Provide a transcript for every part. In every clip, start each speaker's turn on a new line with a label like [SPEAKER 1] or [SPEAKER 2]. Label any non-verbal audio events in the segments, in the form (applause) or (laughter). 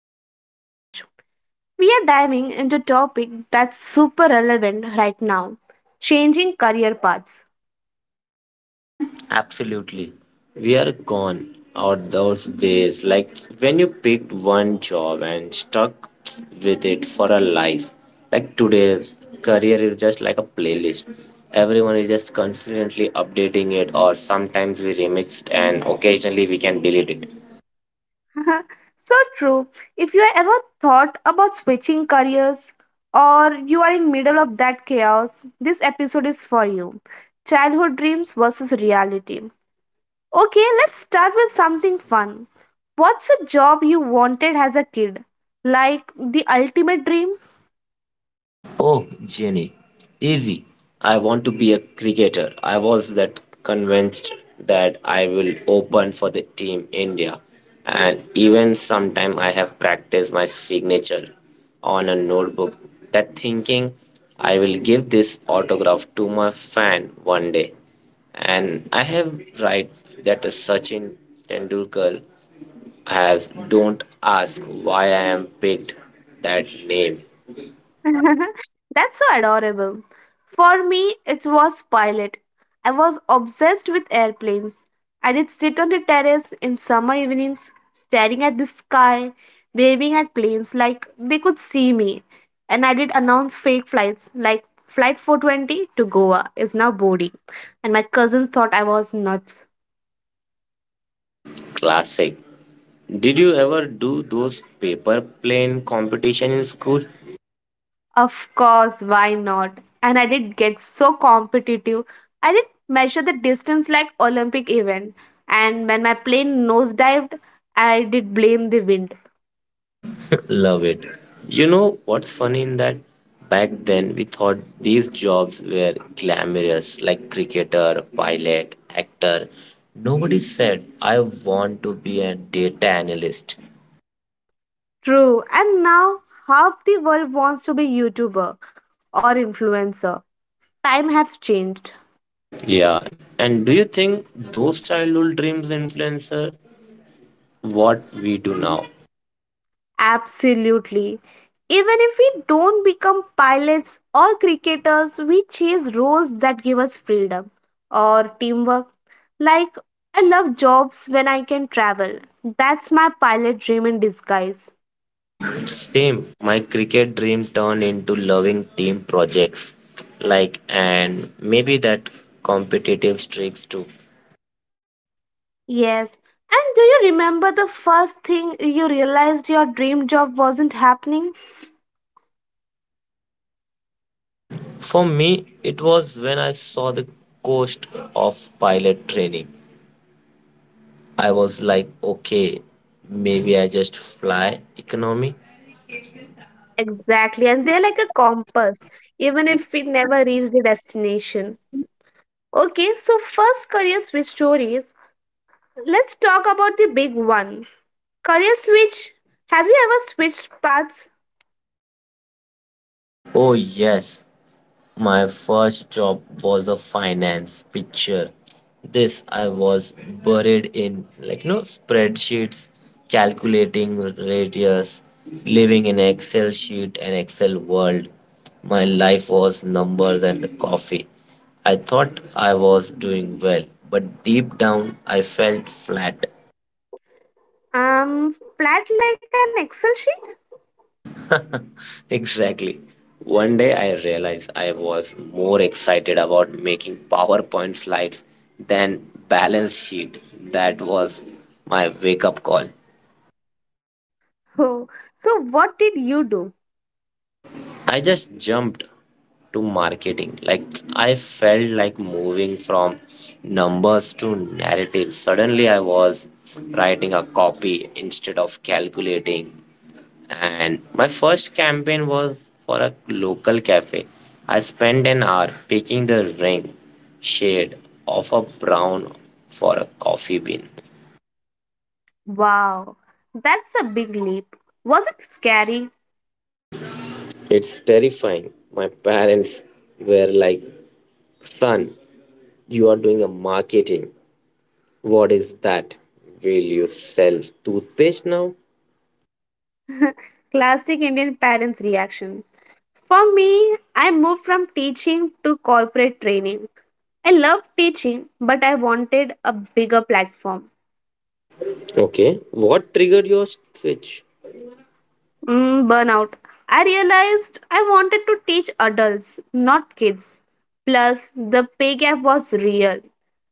[SPEAKER 1] in crime Suraj. We are diving into a topic that's super relevant right now, changing career paths.
[SPEAKER 2] Absolutely. We are gone out those days like when you picked one job and stuck with it for a life. Like today, career is just like a playlist. Everyone is just constantly updating it, or sometimes we remix and occasionally we can delete it.
[SPEAKER 1] (laughs) So true. If you have ever thought about switching careers or you are in middle of that chaos, this episode is for you. Childhood dreams versus reality. Okay, let's start with something fun. What's a job you wanted as a kid? Like the ultimate dream?
[SPEAKER 2] Oh, Jenny, easy. I want to be a cricketer. I was that convinced that I will open for the team India. And even sometime I have practiced my signature on a notebook. That thinking I will give this autograph to my fan one day. And I have right that a Sachin Tendulkar has don't ask why I am picked that name.
[SPEAKER 1] (laughs) That's so adorable. For me, it was pilot. I was obsessed with airplanes. I did sit on the terrace in summer evenings, staring at the sky, waving at planes like they could see me. And I did announce fake flights like Flight 420 to Goa is now boarding. And my cousins thought I was nuts.
[SPEAKER 2] Classic. Did you ever do those paper plane competition in school?
[SPEAKER 1] Of course, why not? And I did get so competitive. I did measure the distance like Olympic event. And when my plane nosedived, I did blame the wind.
[SPEAKER 2] (laughs) Love it. You know what's funny in that? Back then we thought these jobs were glamorous like cricketer, pilot, actor. Nobody said I want to be a data analyst.
[SPEAKER 1] True. And now half the world wants to be YouTuber or influencer. Time have changed.
[SPEAKER 2] Yeah. And do you think those childhood dreams influence what we do now?
[SPEAKER 1] Absolutely. Even if we don't become pilots or cricketers, we chase roles that give us freedom or teamwork. Like, I love jobs when I can travel. That's my pilot dream in disguise.
[SPEAKER 2] Same. My cricket dream turned into loving team projects, like, and maybe that competitive streaks too.
[SPEAKER 1] Yes. And do you remember the first thing you realized your dream job wasn't happening?
[SPEAKER 2] For me, it was when I saw the cost of pilot training. I was like, okay, maybe I just fly economy.
[SPEAKER 1] Exactly. And they're like a compass, even if we never reach the destination. Okay, so first career switch stories. Let's talk about the big one. Career switch. Have you ever switched paths?
[SPEAKER 2] Oh, yes, my first job was a finance picture. This I was buried in like no spreadsheets, calculating radius, living in Excel sheet and Excel world. My life was numbers and the coffee. I thought I was doing well, but deep down I felt flat.
[SPEAKER 1] Flat like an Excel sheet? (laughs)
[SPEAKER 2] (laughs) Exactly. One day I realized I was more excited about making PowerPoint slides than balance sheet. That was my wake up call.
[SPEAKER 1] Oh, so what did you do?
[SPEAKER 2] I just jumped to marketing. Like I felt like moving from numbers to narrative. Suddenly I was writing a copy instead of calculating and my first campaign was for a local cafe. I spent an hour picking the ring shade of a brown for a coffee bean.
[SPEAKER 1] Wow, that's a big leap. Was it scary?
[SPEAKER 2] It's terrifying. My parents were like, Son, you are doing a marketing. What is that? Will you sell toothpaste now?
[SPEAKER 1] Classic Indian parents' reaction. For me, I moved from teaching to corporate training. I loved teaching, but I wanted a bigger platform.
[SPEAKER 2] Okay, what triggered your switch?
[SPEAKER 1] Burnout. I realized I wanted to teach adults, not kids. Plus, the pay gap was real.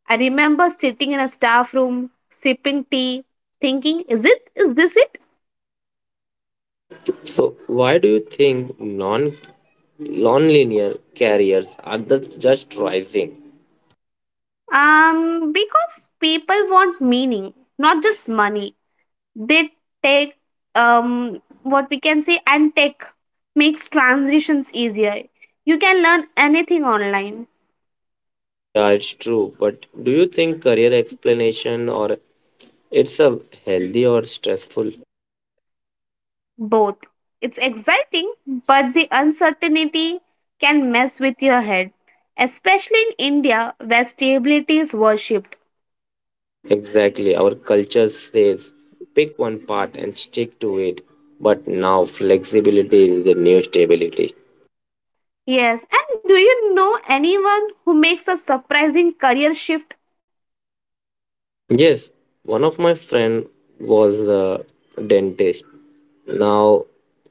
[SPEAKER 1] I remember sitting in a staff room, sipping tea, thinking, Is this it?
[SPEAKER 2] So, why do you think non linear carriers are the, just rising?
[SPEAKER 1] Because people want meaning, not just money. They take, what we can say, and tech makes transitions easier. You can learn anything online.
[SPEAKER 2] Yeah, it's true. But do you think career explanation or it's a healthy or stressful?
[SPEAKER 1] Both. It's exciting, but the uncertainty can mess with your head, especially in India where stability is worshipped.
[SPEAKER 2] Exactly. Our culture says pick one part and stick to it. But now flexibility is the new stability.
[SPEAKER 1] Yes, and do you know anyone who makes a surprising career shift?
[SPEAKER 2] Yes, one of my friend was a dentist. Now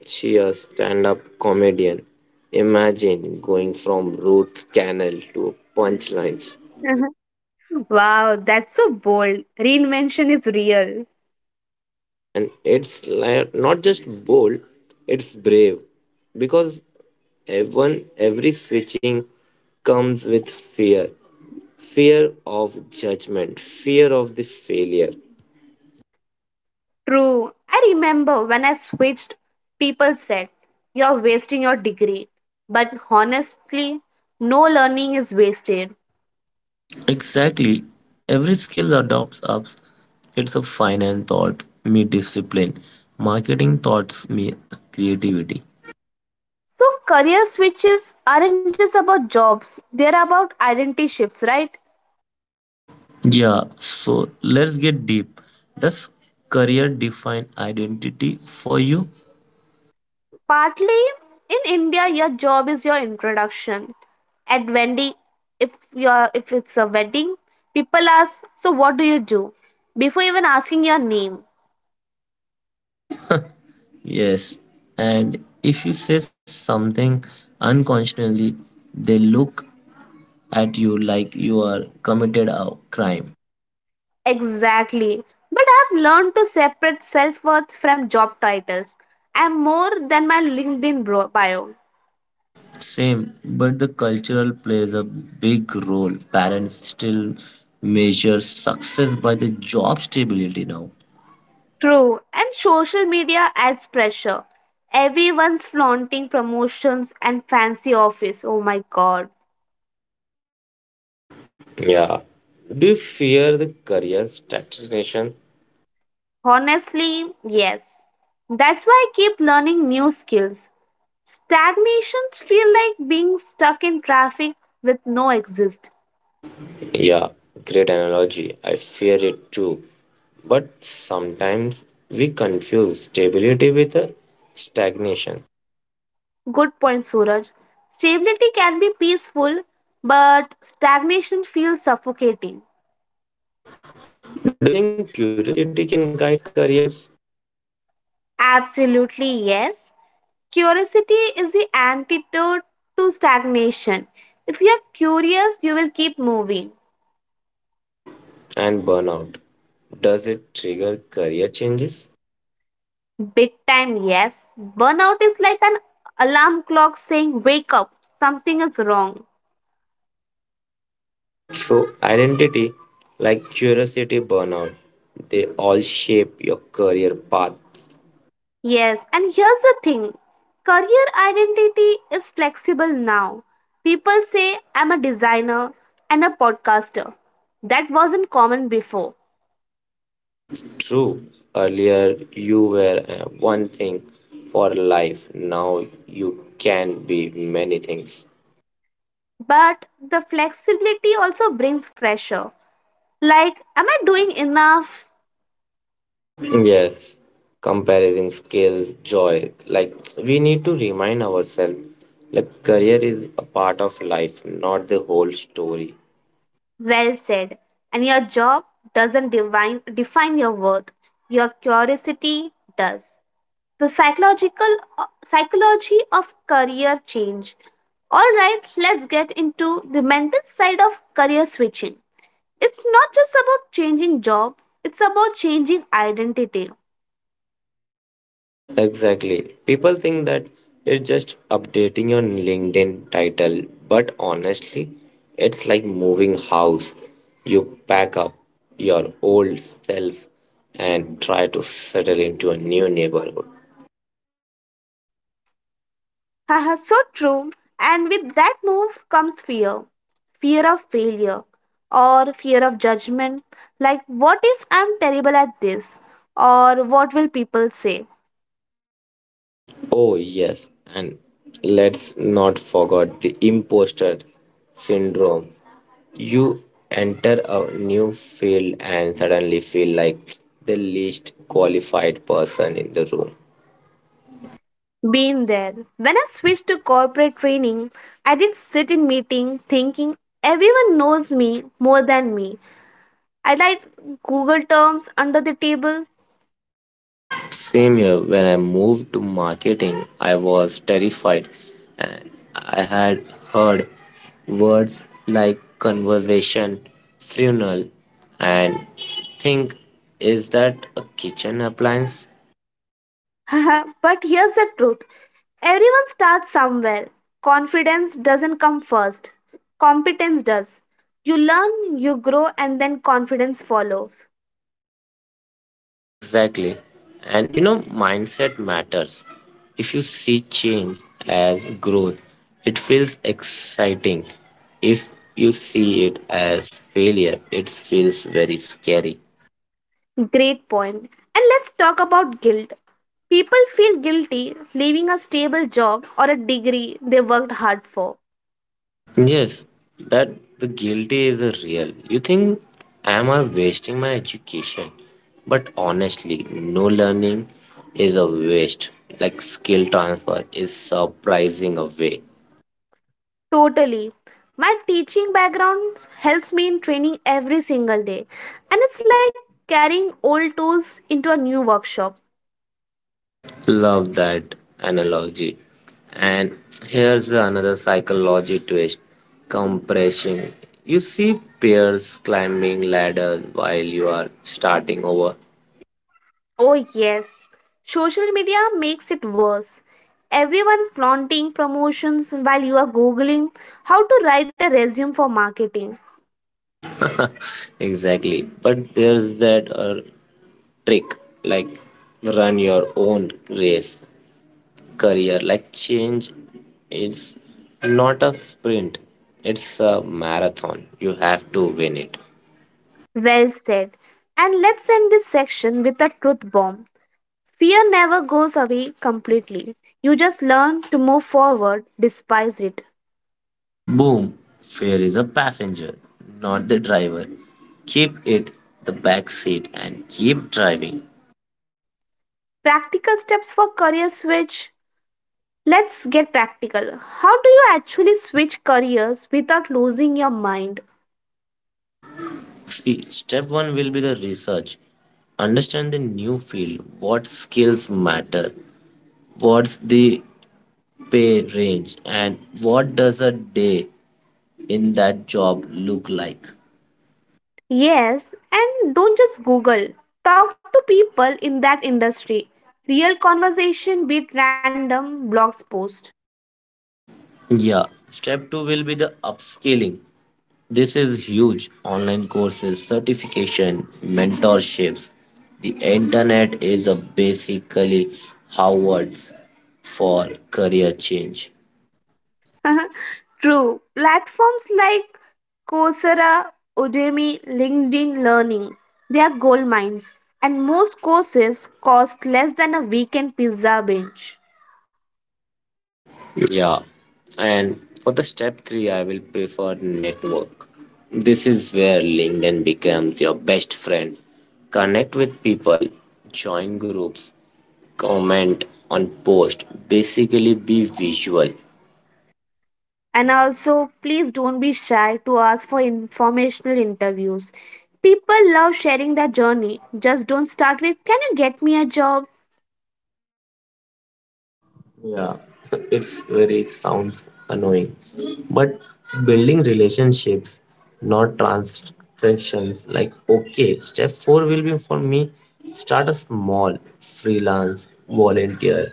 [SPEAKER 2] she a stand-up comedian. Imagine going from root canal to punchlines.
[SPEAKER 1] (laughs) Wow, that's so bold. Reinvention is real.
[SPEAKER 2] Yeah, and it's like not just bold, it's brave because everyone, every switching comes with fear fear of judgment, fear of the failure.
[SPEAKER 1] True. I remember when I switched, people said, "You're wasting your degree." But honestly, no learning is wasted.
[SPEAKER 2] Exactly. Every skill adopts ups. It's a finance thought, me discipline. Marketing thoughts, me creativity.
[SPEAKER 1] So career switches aren't just about jobs, they're about identity shifts, right?
[SPEAKER 2] Yeah, so let's get deep. Does career define identity for you?
[SPEAKER 1] Partly in India, your job is your introduction. At wedding, if it's a wedding, people ask, so what do you do? Before even asking your name.
[SPEAKER 2] Yes, and if you say something unconsciously, they look at you like you are committed a crime.
[SPEAKER 1] Exactly. But I've learned to separate self worth from job titles. I'm more than my bio.
[SPEAKER 2] Same, but the cultural plays a big role. Parents still measure success by the job stability now.
[SPEAKER 1] True, and social media adds pressure. Everyone's flaunting promotions and fancy office. Oh my god.
[SPEAKER 2] Yeah. Do you fear the career stagnation?
[SPEAKER 1] Honestly, yes. That's why I keep learning new skills. Stagnations feel like being stuck in traffic with no exist.
[SPEAKER 2] Yeah, great analogy. I fear it too. But sometimes we confuse stability with a stagnation.
[SPEAKER 1] Good point, Suraj. Stability can be peaceful, but stagnation feels suffocating.
[SPEAKER 2] Do you think curiosity can guide careers
[SPEAKER 1] Absolutely, yes. Curiosity is the antidote to stagnation. If you are curious, you will keep moving.
[SPEAKER 2] and burnout? Does it trigger career changes?
[SPEAKER 1] Big time, yes. Burnout is like an alarm clock saying, "Wake up, something is wrong."
[SPEAKER 2] So, identity, like curiosity, burnout, they all shape your career path.
[SPEAKER 1] Yes, and here's the thing career identity is flexible now. People say, I'm a designer and a podcaster. That wasn't common before.
[SPEAKER 2] True, earlier you were one thing for life, now you can be many things.
[SPEAKER 1] But the flexibility also brings pressure. Like, am I doing enough?
[SPEAKER 2] Yes, comparison skills, joy. Like we need to remind ourselves, like career is a part of life, not the whole story.
[SPEAKER 1] Well said. And your job doesn't divine, define your worth, your curiosity does. The psychological psychology of career change. All right, let's get into the mental side of career switching. It's not just about changing job, it's about changing identity.
[SPEAKER 2] Exactly. People think that it's just updating your LinkedIn title, but honestly, it's like moving house. You pack up your old self and try to settle into a new neighborhood.
[SPEAKER 1] Haha, so true. And with that move comes fear fear of failure or fear of judgment. Like, what if I'm terrible at this? Or what will people say?
[SPEAKER 2] Oh, yes, and let's not forget the imposter syndrome. You enter a new field and suddenly feel like the least qualified person in the room.
[SPEAKER 1] Been there. When I switched to corporate training, I did sit in meeting thinking everyone knows me more than me. I like Google terms under the table
[SPEAKER 2] Same here, when I moved to marketing, I was terrified and I had heard words like conversation, funeral, and think is that a kitchen appliance?
[SPEAKER 1] (laughs) but here's the truth everyone starts somewhere. Confidence doesn't come first, competence does. You learn, you grow, and then confidence follows.
[SPEAKER 2] Exactly. And you know, mindset matters. If you see change as growth, it feels exciting. If you see it as failure, it feels very scary.
[SPEAKER 1] Great point. And let's talk about guilt. People feel guilty leaving a stable job or a degree they worked hard for.
[SPEAKER 2] Yes, that the guilty is a real. You think, am I wasting my education? But honestly, no learning is a waste. Like skill transfer is surprising a way.
[SPEAKER 1] Totally. My teaching background helps me in training every single day, and it's like carrying old tools into a new workshop.
[SPEAKER 2] Love that analogy. And here's another psychology twist compression. You see peers climbing ladders while you are starting over.
[SPEAKER 1] Oh, yes. Social media makes it worse. Everyone flaunting promotions while you are Googling how to write a resume for marketing.
[SPEAKER 2] (laughs) Exactly. But there's that trick like run your own race, career. Like change it's not a sprint, it's a marathon. You have to win it.
[SPEAKER 1] Well said. And let's end this section with a truth bomb. Fear never goes away completely. You just learn to move forward despite it.
[SPEAKER 2] Boom! Fare is a passenger, not the driver. Keep it the back seat and keep driving.
[SPEAKER 1] Practical steps for career switch. Let's get practical. How do you actually switch careers without losing your mind?
[SPEAKER 2] See, step one will be the research. Understand the new field, what skills matter, what's the pay range, and what does a day in that job look like.
[SPEAKER 1] Yes, and don't just Google. Talk to people in that industry. Real conversation beat random blogs post.
[SPEAKER 2] Yeah, step two will be the upscaling. This is huge. Online courses, certification, mentorships. The internet is a basically Howard's for career change.
[SPEAKER 1] (laughs) True. Platforms like Coursera, Udemy, LinkedIn Learning, they are gold mines. And most courses cost less than a weekend pizza binge.
[SPEAKER 2] Yeah. And for the step three, I will prefer network. This is where LinkedIn becomes your best friend. Connect with people, join groups, comment on posts. Basically, be visual.
[SPEAKER 1] And also, please don't be shy to ask for informational interviews. People love sharing their journey. Just don't start with, "Can you get me a job?"
[SPEAKER 2] Yeah, (laughs) it's very sounds annoying. But building relationships, not transactions. Like, okay, step four will be for me start a small freelance, volunteer,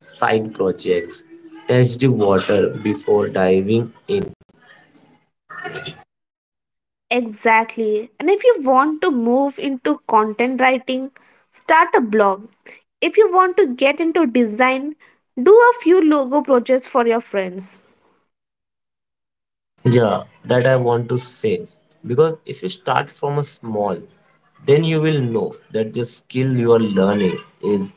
[SPEAKER 2] side projects, test the water before diving in.
[SPEAKER 1] Exactly. And if you want to move into content writing, start a blog. If you want to get into design, do a few logo projects for your friends.
[SPEAKER 2] Yeah, that I want to say. Because if you start from a small, then you will know that the skill you are learning is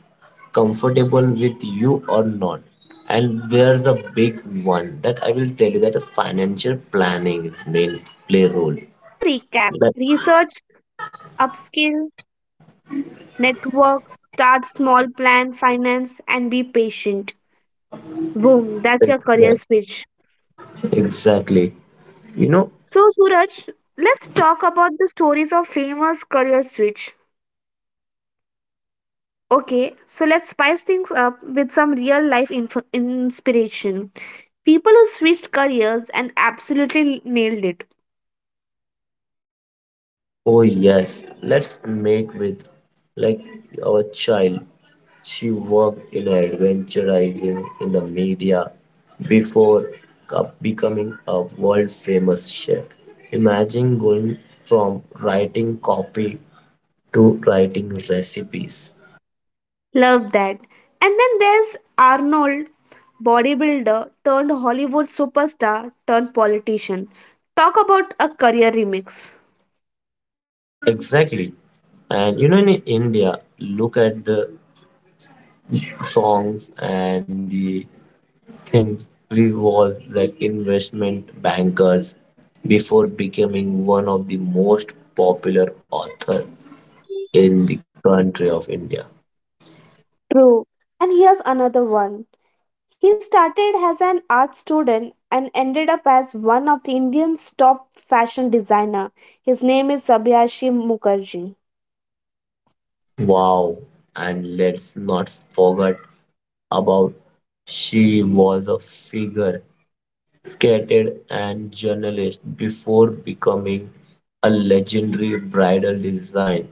[SPEAKER 2] comfortable with you or not. And there's a big one that I will tell you that a financial planning is main play
[SPEAKER 1] Well
[SPEAKER 2] role.
[SPEAKER 1] said. So, recap
[SPEAKER 2] That,
[SPEAKER 1] research, upskill, network, start small, plan, finance, and be patient. Boom, that's
[SPEAKER 2] that-
[SPEAKER 1] your career
[SPEAKER 2] that-
[SPEAKER 1] switch.
[SPEAKER 2] Exactly. You know,
[SPEAKER 1] So, Suraj, let's talk about the stories of famous career switch. Okay, so let's spice things up with some real life inspiration. People who switched careers and absolutely nailed it.
[SPEAKER 2] oh yes, let's make with like our child. She worked in advertising in the media before becoming a world famous chef. Imagine going from writing copy to writing recipes.
[SPEAKER 1] Love that. And then there's Arnold, bodybuilder turned Hollywood superstar turned politician. Talk about a career remix.
[SPEAKER 2] Exactly. And you know, in India, look at the songs and the think we was like investment bankers before becoming one of the most popular author in the country of India.
[SPEAKER 1] True. And here's another one. He started as an art student and ended up as one of the Indian's top fashion designer. His name is Sabyasachi Mukherjee.
[SPEAKER 2] Wow, and let's not forget about she was a figure skated and journalist before becoming a legendary bridal design.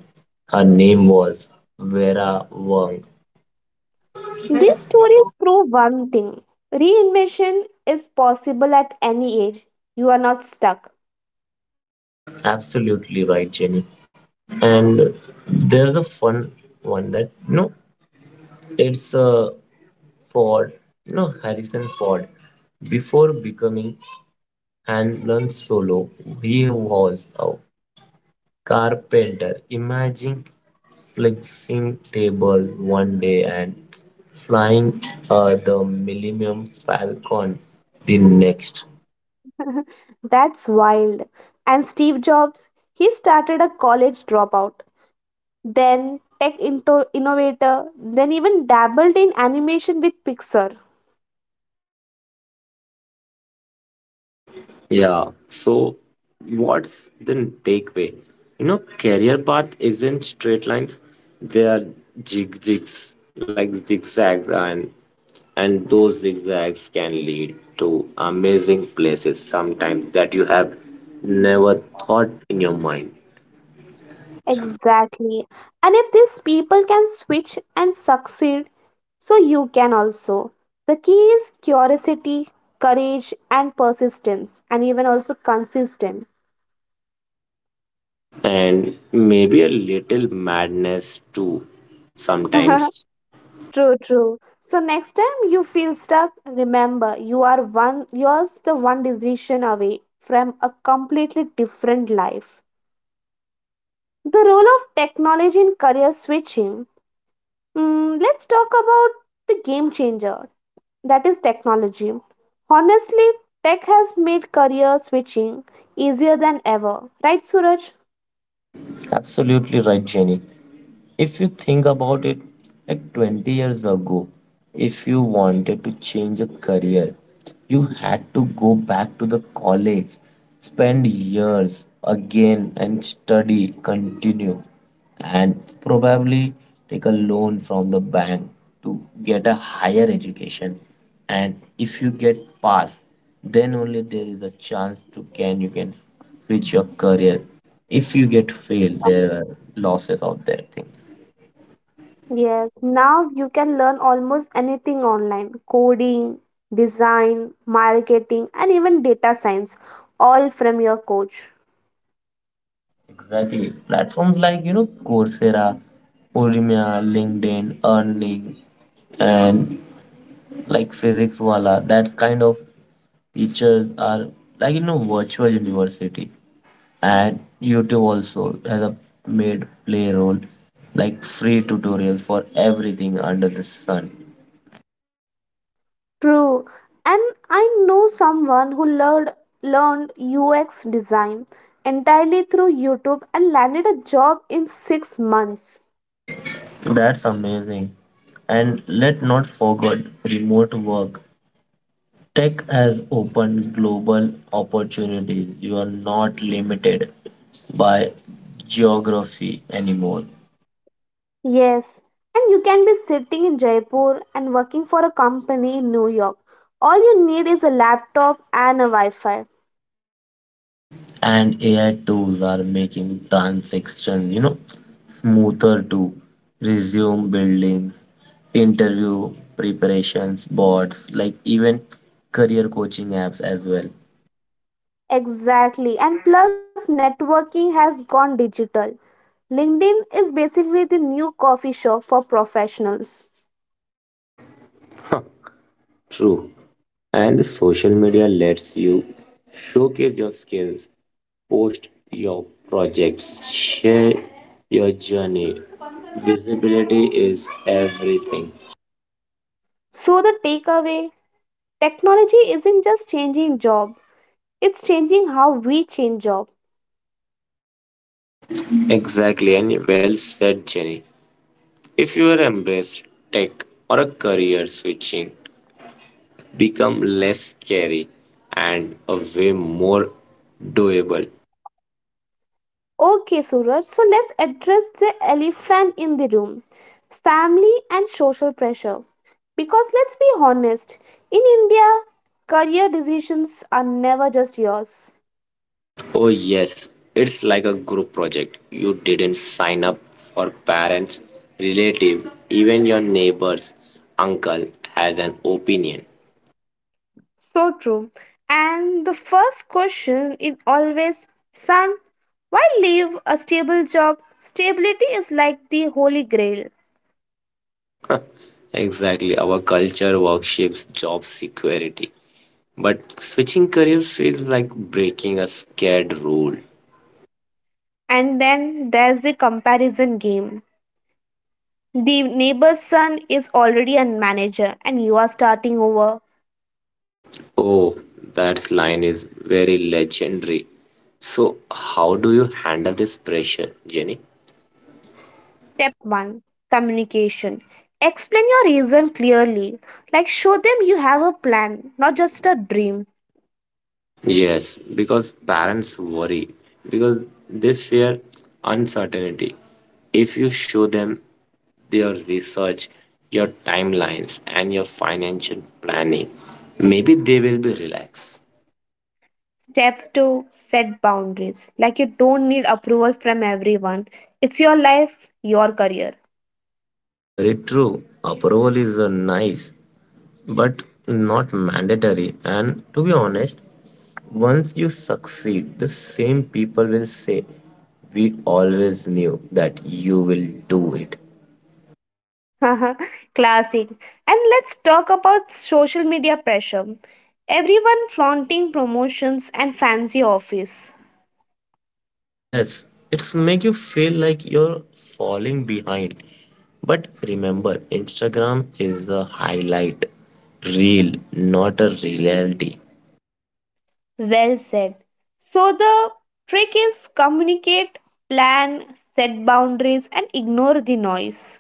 [SPEAKER 2] Her name was Vera Wang.
[SPEAKER 1] These stories prove one thing reinvention is possible at any age. You are not stuck.
[SPEAKER 2] Absolutely right, Jenny. And there's a fun one that no it's ford you know Harrison Ford before becoming Han Solo, he was a carpenter. Imagine flexing tables one day and flying the Millennium Falcon the next.
[SPEAKER 1] (laughs) That's wild. And Steve Jobs, he started a college dropout, then tech into innovator, then even dabbled in animation with Pixar.
[SPEAKER 2] Yeah. So, what's the takeaway? You know, career path isn't straight lines. They are zig zigs, like zigzags, and those zigzags can lead to amazing places sometimes that you have never thought in your mind,
[SPEAKER 1] Exactly. And if these people can switch and succeed, so you can also. The key is curiosity, courage, and persistence, and even also consistent.
[SPEAKER 2] and maybe a little madness too sometimes.
[SPEAKER 1] (laughs) True, true. So next time you feel stuck, remember you are one yours the one decision away from a completely different life. The role of technology in career switching. Let's talk about the game changer that is technology. Honestly, tech has made career switching easier than ever. Right, Suraj?
[SPEAKER 2] Absolutely right, Jenny. If you think about it, like 20 years ago, if you wanted to change a career, you had to go back to the college, spend years again and study, continue, and probably take a loan from the bank to get a higher education. And if you get pass, then only there is a chance to can you can switch your career if you get failed there are losses of their things
[SPEAKER 1] Yes, now you can learn almost anything online coding, design, marketing, and even data science, all from your coach.
[SPEAKER 2] exactly platforms like you know Coursera, Udemy, LinkedIn earning, and like physics wala that kind of teachers are like you know virtual university, and YouTube also has a made play role like free tutorials for everything under the sun.
[SPEAKER 1] True. And I know someone who learned UX design entirely through YouTube and landed a job in 6 months.
[SPEAKER 2] That's amazing. And let not forget remote work. Tech has opened global opportunities. You are not limited by geography anymore.
[SPEAKER 1] Yes, and you can be sitting in Jaipur and working for a company in New York. All you need is a laptop and a Wi Fi.
[SPEAKER 2] And AI tools are making transactions, you know, smoother to resume buildings, interview preparations, bots, like even career coaching apps as well.
[SPEAKER 1] Exactly. And plus, networking has gone digital. LinkedIn is basically the new coffee shop for professionals.
[SPEAKER 2] Huh, true. And social media lets you showcase your skills. Post your projects. Share your journey. Visibility is everything.
[SPEAKER 1] So, the takeaway technology isn't just changing job, it's changing how we change job.
[SPEAKER 2] Exactly, and well said, Jenny. If you are embraced tech or a career switching, become less scary and a way more doable.
[SPEAKER 1] Okay, Suraj, so let's address the elephant in the room family and social pressure. Because let's be honest, in India, career decisions are never just yours.
[SPEAKER 2] Oh, yes, it's like a group project. You didn't sign up for parents, relative, even your neighbor's uncle has an opinion.
[SPEAKER 1] So true. And the first question is always, son, why leave a stable job? Stability is like the holy grail.
[SPEAKER 2] Exactly. Our culture worships job security. But switching careers feels like breaking a scared rule.
[SPEAKER 1] And then there's the comparison game. The neighbor's son is already a manager and you are starting over.
[SPEAKER 2] Oh, that line is very legendary. So, how do you handle this pressure, Jenny?
[SPEAKER 1] Step 1, communication. Explain your reason clearly. Like, show them you have a plan, not just a dream.
[SPEAKER 2] Yes, because parents worry, because they fear uncertainty. If you show them your research, your timelines, and your financial planning, maybe they will be relaxed.
[SPEAKER 1] Step two, set boundaries. Like you don't need approval from everyone. It's your life, your career.
[SPEAKER 2] Very true. Approval is a nice, but not mandatory. And to be honest, once you succeed, the same people will say, "We always knew that you will do it."
[SPEAKER 1] (laughs) Classic. And let's talk about social media pressure. Everyone flaunting promotions and fancy office.
[SPEAKER 2] Yes, it's make you feel like you're falling behind. But remember, Instagram is a highlight reel, not a reality.
[SPEAKER 1] Well said. So the trick is communicate, plan, set boundaries, and ignore the noise.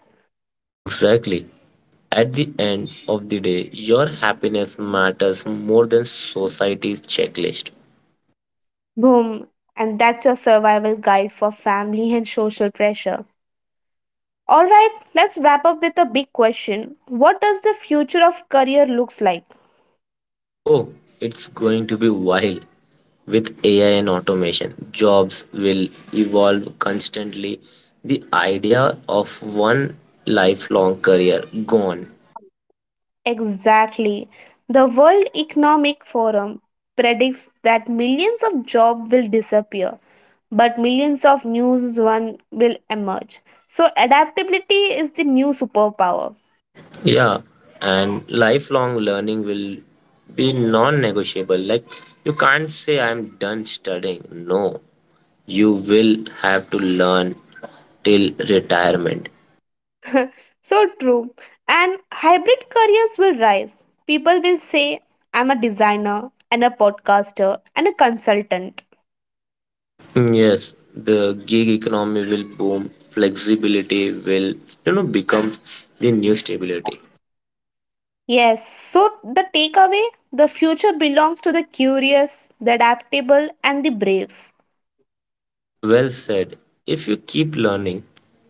[SPEAKER 2] Exactly. At the end of the day, your happiness matters more than society's checklist.
[SPEAKER 1] Boom. And that's your survival guide for family (laughs) and social pressure. All right, let's wrap up with a big question. What does the future of career looks like?
[SPEAKER 2] Oh, it's going to be wild. With AI and automation, jobs will evolve constantly. The idea of one lifelong career gone.
[SPEAKER 1] Exactly. The World Economic Forum predicts that millions of jobs will disappear, but millions of new ones will emerge. So adaptability is the new superpower.
[SPEAKER 2] Yeah, and lifelong learning will be non negotiable. Like, you can't say I'm done studying. No, you will have to learn till retirement.
[SPEAKER 1] (laughs) So true. And hybrid careers will rise. People will say, I'm a designer and a podcaster and a consultant.
[SPEAKER 2] Yes, the gig economy will boom. Flexibility will, you know, become the new stability.
[SPEAKER 1] Yes, so the takeaway the future belongs to the curious, the adaptable, and the brave.
[SPEAKER 2] Well said. If you keep learning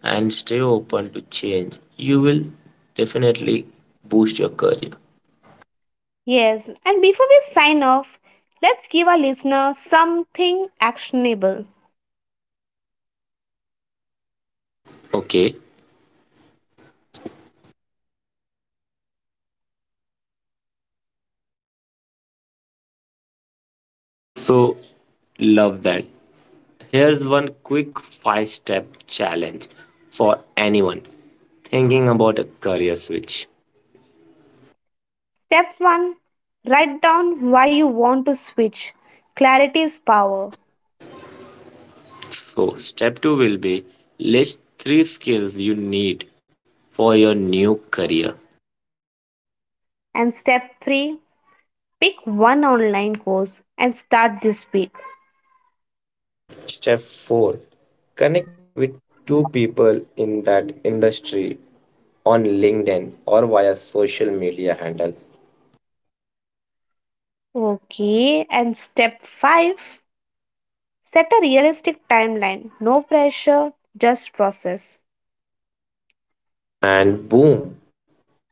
[SPEAKER 2] and stay open to change, you will definitely boost your career.
[SPEAKER 1] Yes, and before we sign off, let's give our listeners something actionable.
[SPEAKER 2] Okay, so love that. Here's one quick five step challenge for anyone thinking about a career switch.
[SPEAKER 1] Step 1, write down why you want to switch. Clarity is power.
[SPEAKER 2] So, step two will be list three skills you need for your new career.
[SPEAKER 1] And step 3, pick one online course and start this week.
[SPEAKER 2] Step 4, connect with two people in that industry on LinkedIn or via social media handle.
[SPEAKER 1] Okay, and step 5, set a realistic timeline. No pressure, just process.
[SPEAKER 2] And boom,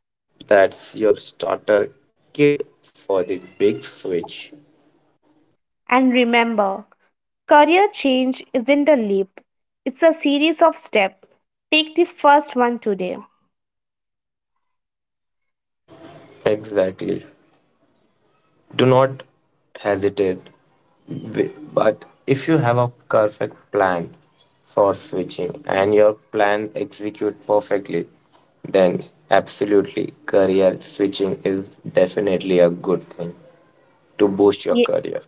[SPEAKER 2] that's your starter kit for the big switch.
[SPEAKER 1] And remember, career change isn't a leap, it's a series of steps. Take the first one today.
[SPEAKER 2] Exactly. Do not hesitate but if you have a perfect plan for switching and your plan execute perfectly, then absolutely career switching is definitely a good thing to boost your career.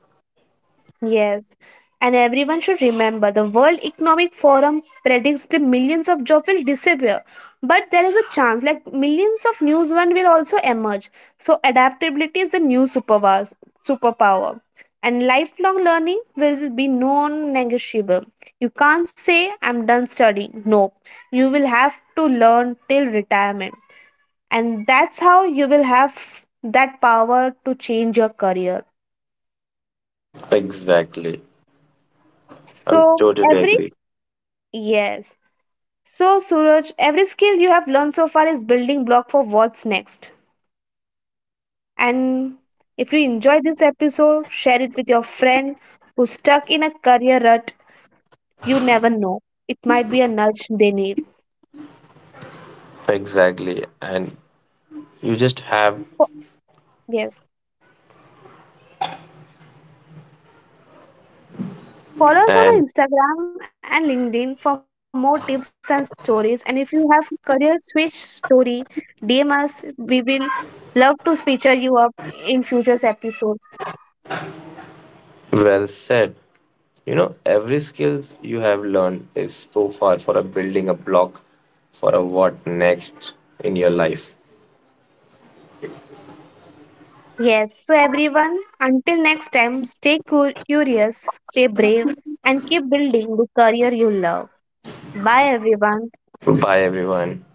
[SPEAKER 1] Yes, and everyone should remember the World Economic Forum predicts the millions of jobs will disappear. But there is a chance, like millions of new ones will also emerge. So adaptability is the new superpower, superpower. And lifelong learning will be non-negotiable. You can't say I'm done studying. No, you will have to learn till retirement. And that's how you will have that power to change your career.
[SPEAKER 2] Exactly. I'm
[SPEAKER 1] So
[SPEAKER 2] totally
[SPEAKER 1] every
[SPEAKER 2] agree.
[SPEAKER 1] yes, so, Suraj, every skill you have learned so far is building block for what's next. And if you enjoy this episode, share it with your friend who's stuck in a career rut. You never know. It might be a nudge they need.
[SPEAKER 2] Exactly. And you just
[SPEAKER 1] Fo-
[SPEAKER 2] have
[SPEAKER 1] Yes. Follow us on
[SPEAKER 2] and
[SPEAKER 1] our Instagram and LinkedIn for more tips and stories. And if you have career switch story, DM us. We will love to feature you up in future episodes.
[SPEAKER 2] well said. You know, every skills you have learned is so far for a building a block for a what next in your life.
[SPEAKER 1] Yes, so everyone, until next time, stay curious, stay brave, and keep building the career you love. Bye, everyone.
[SPEAKER 2] Bye everyone.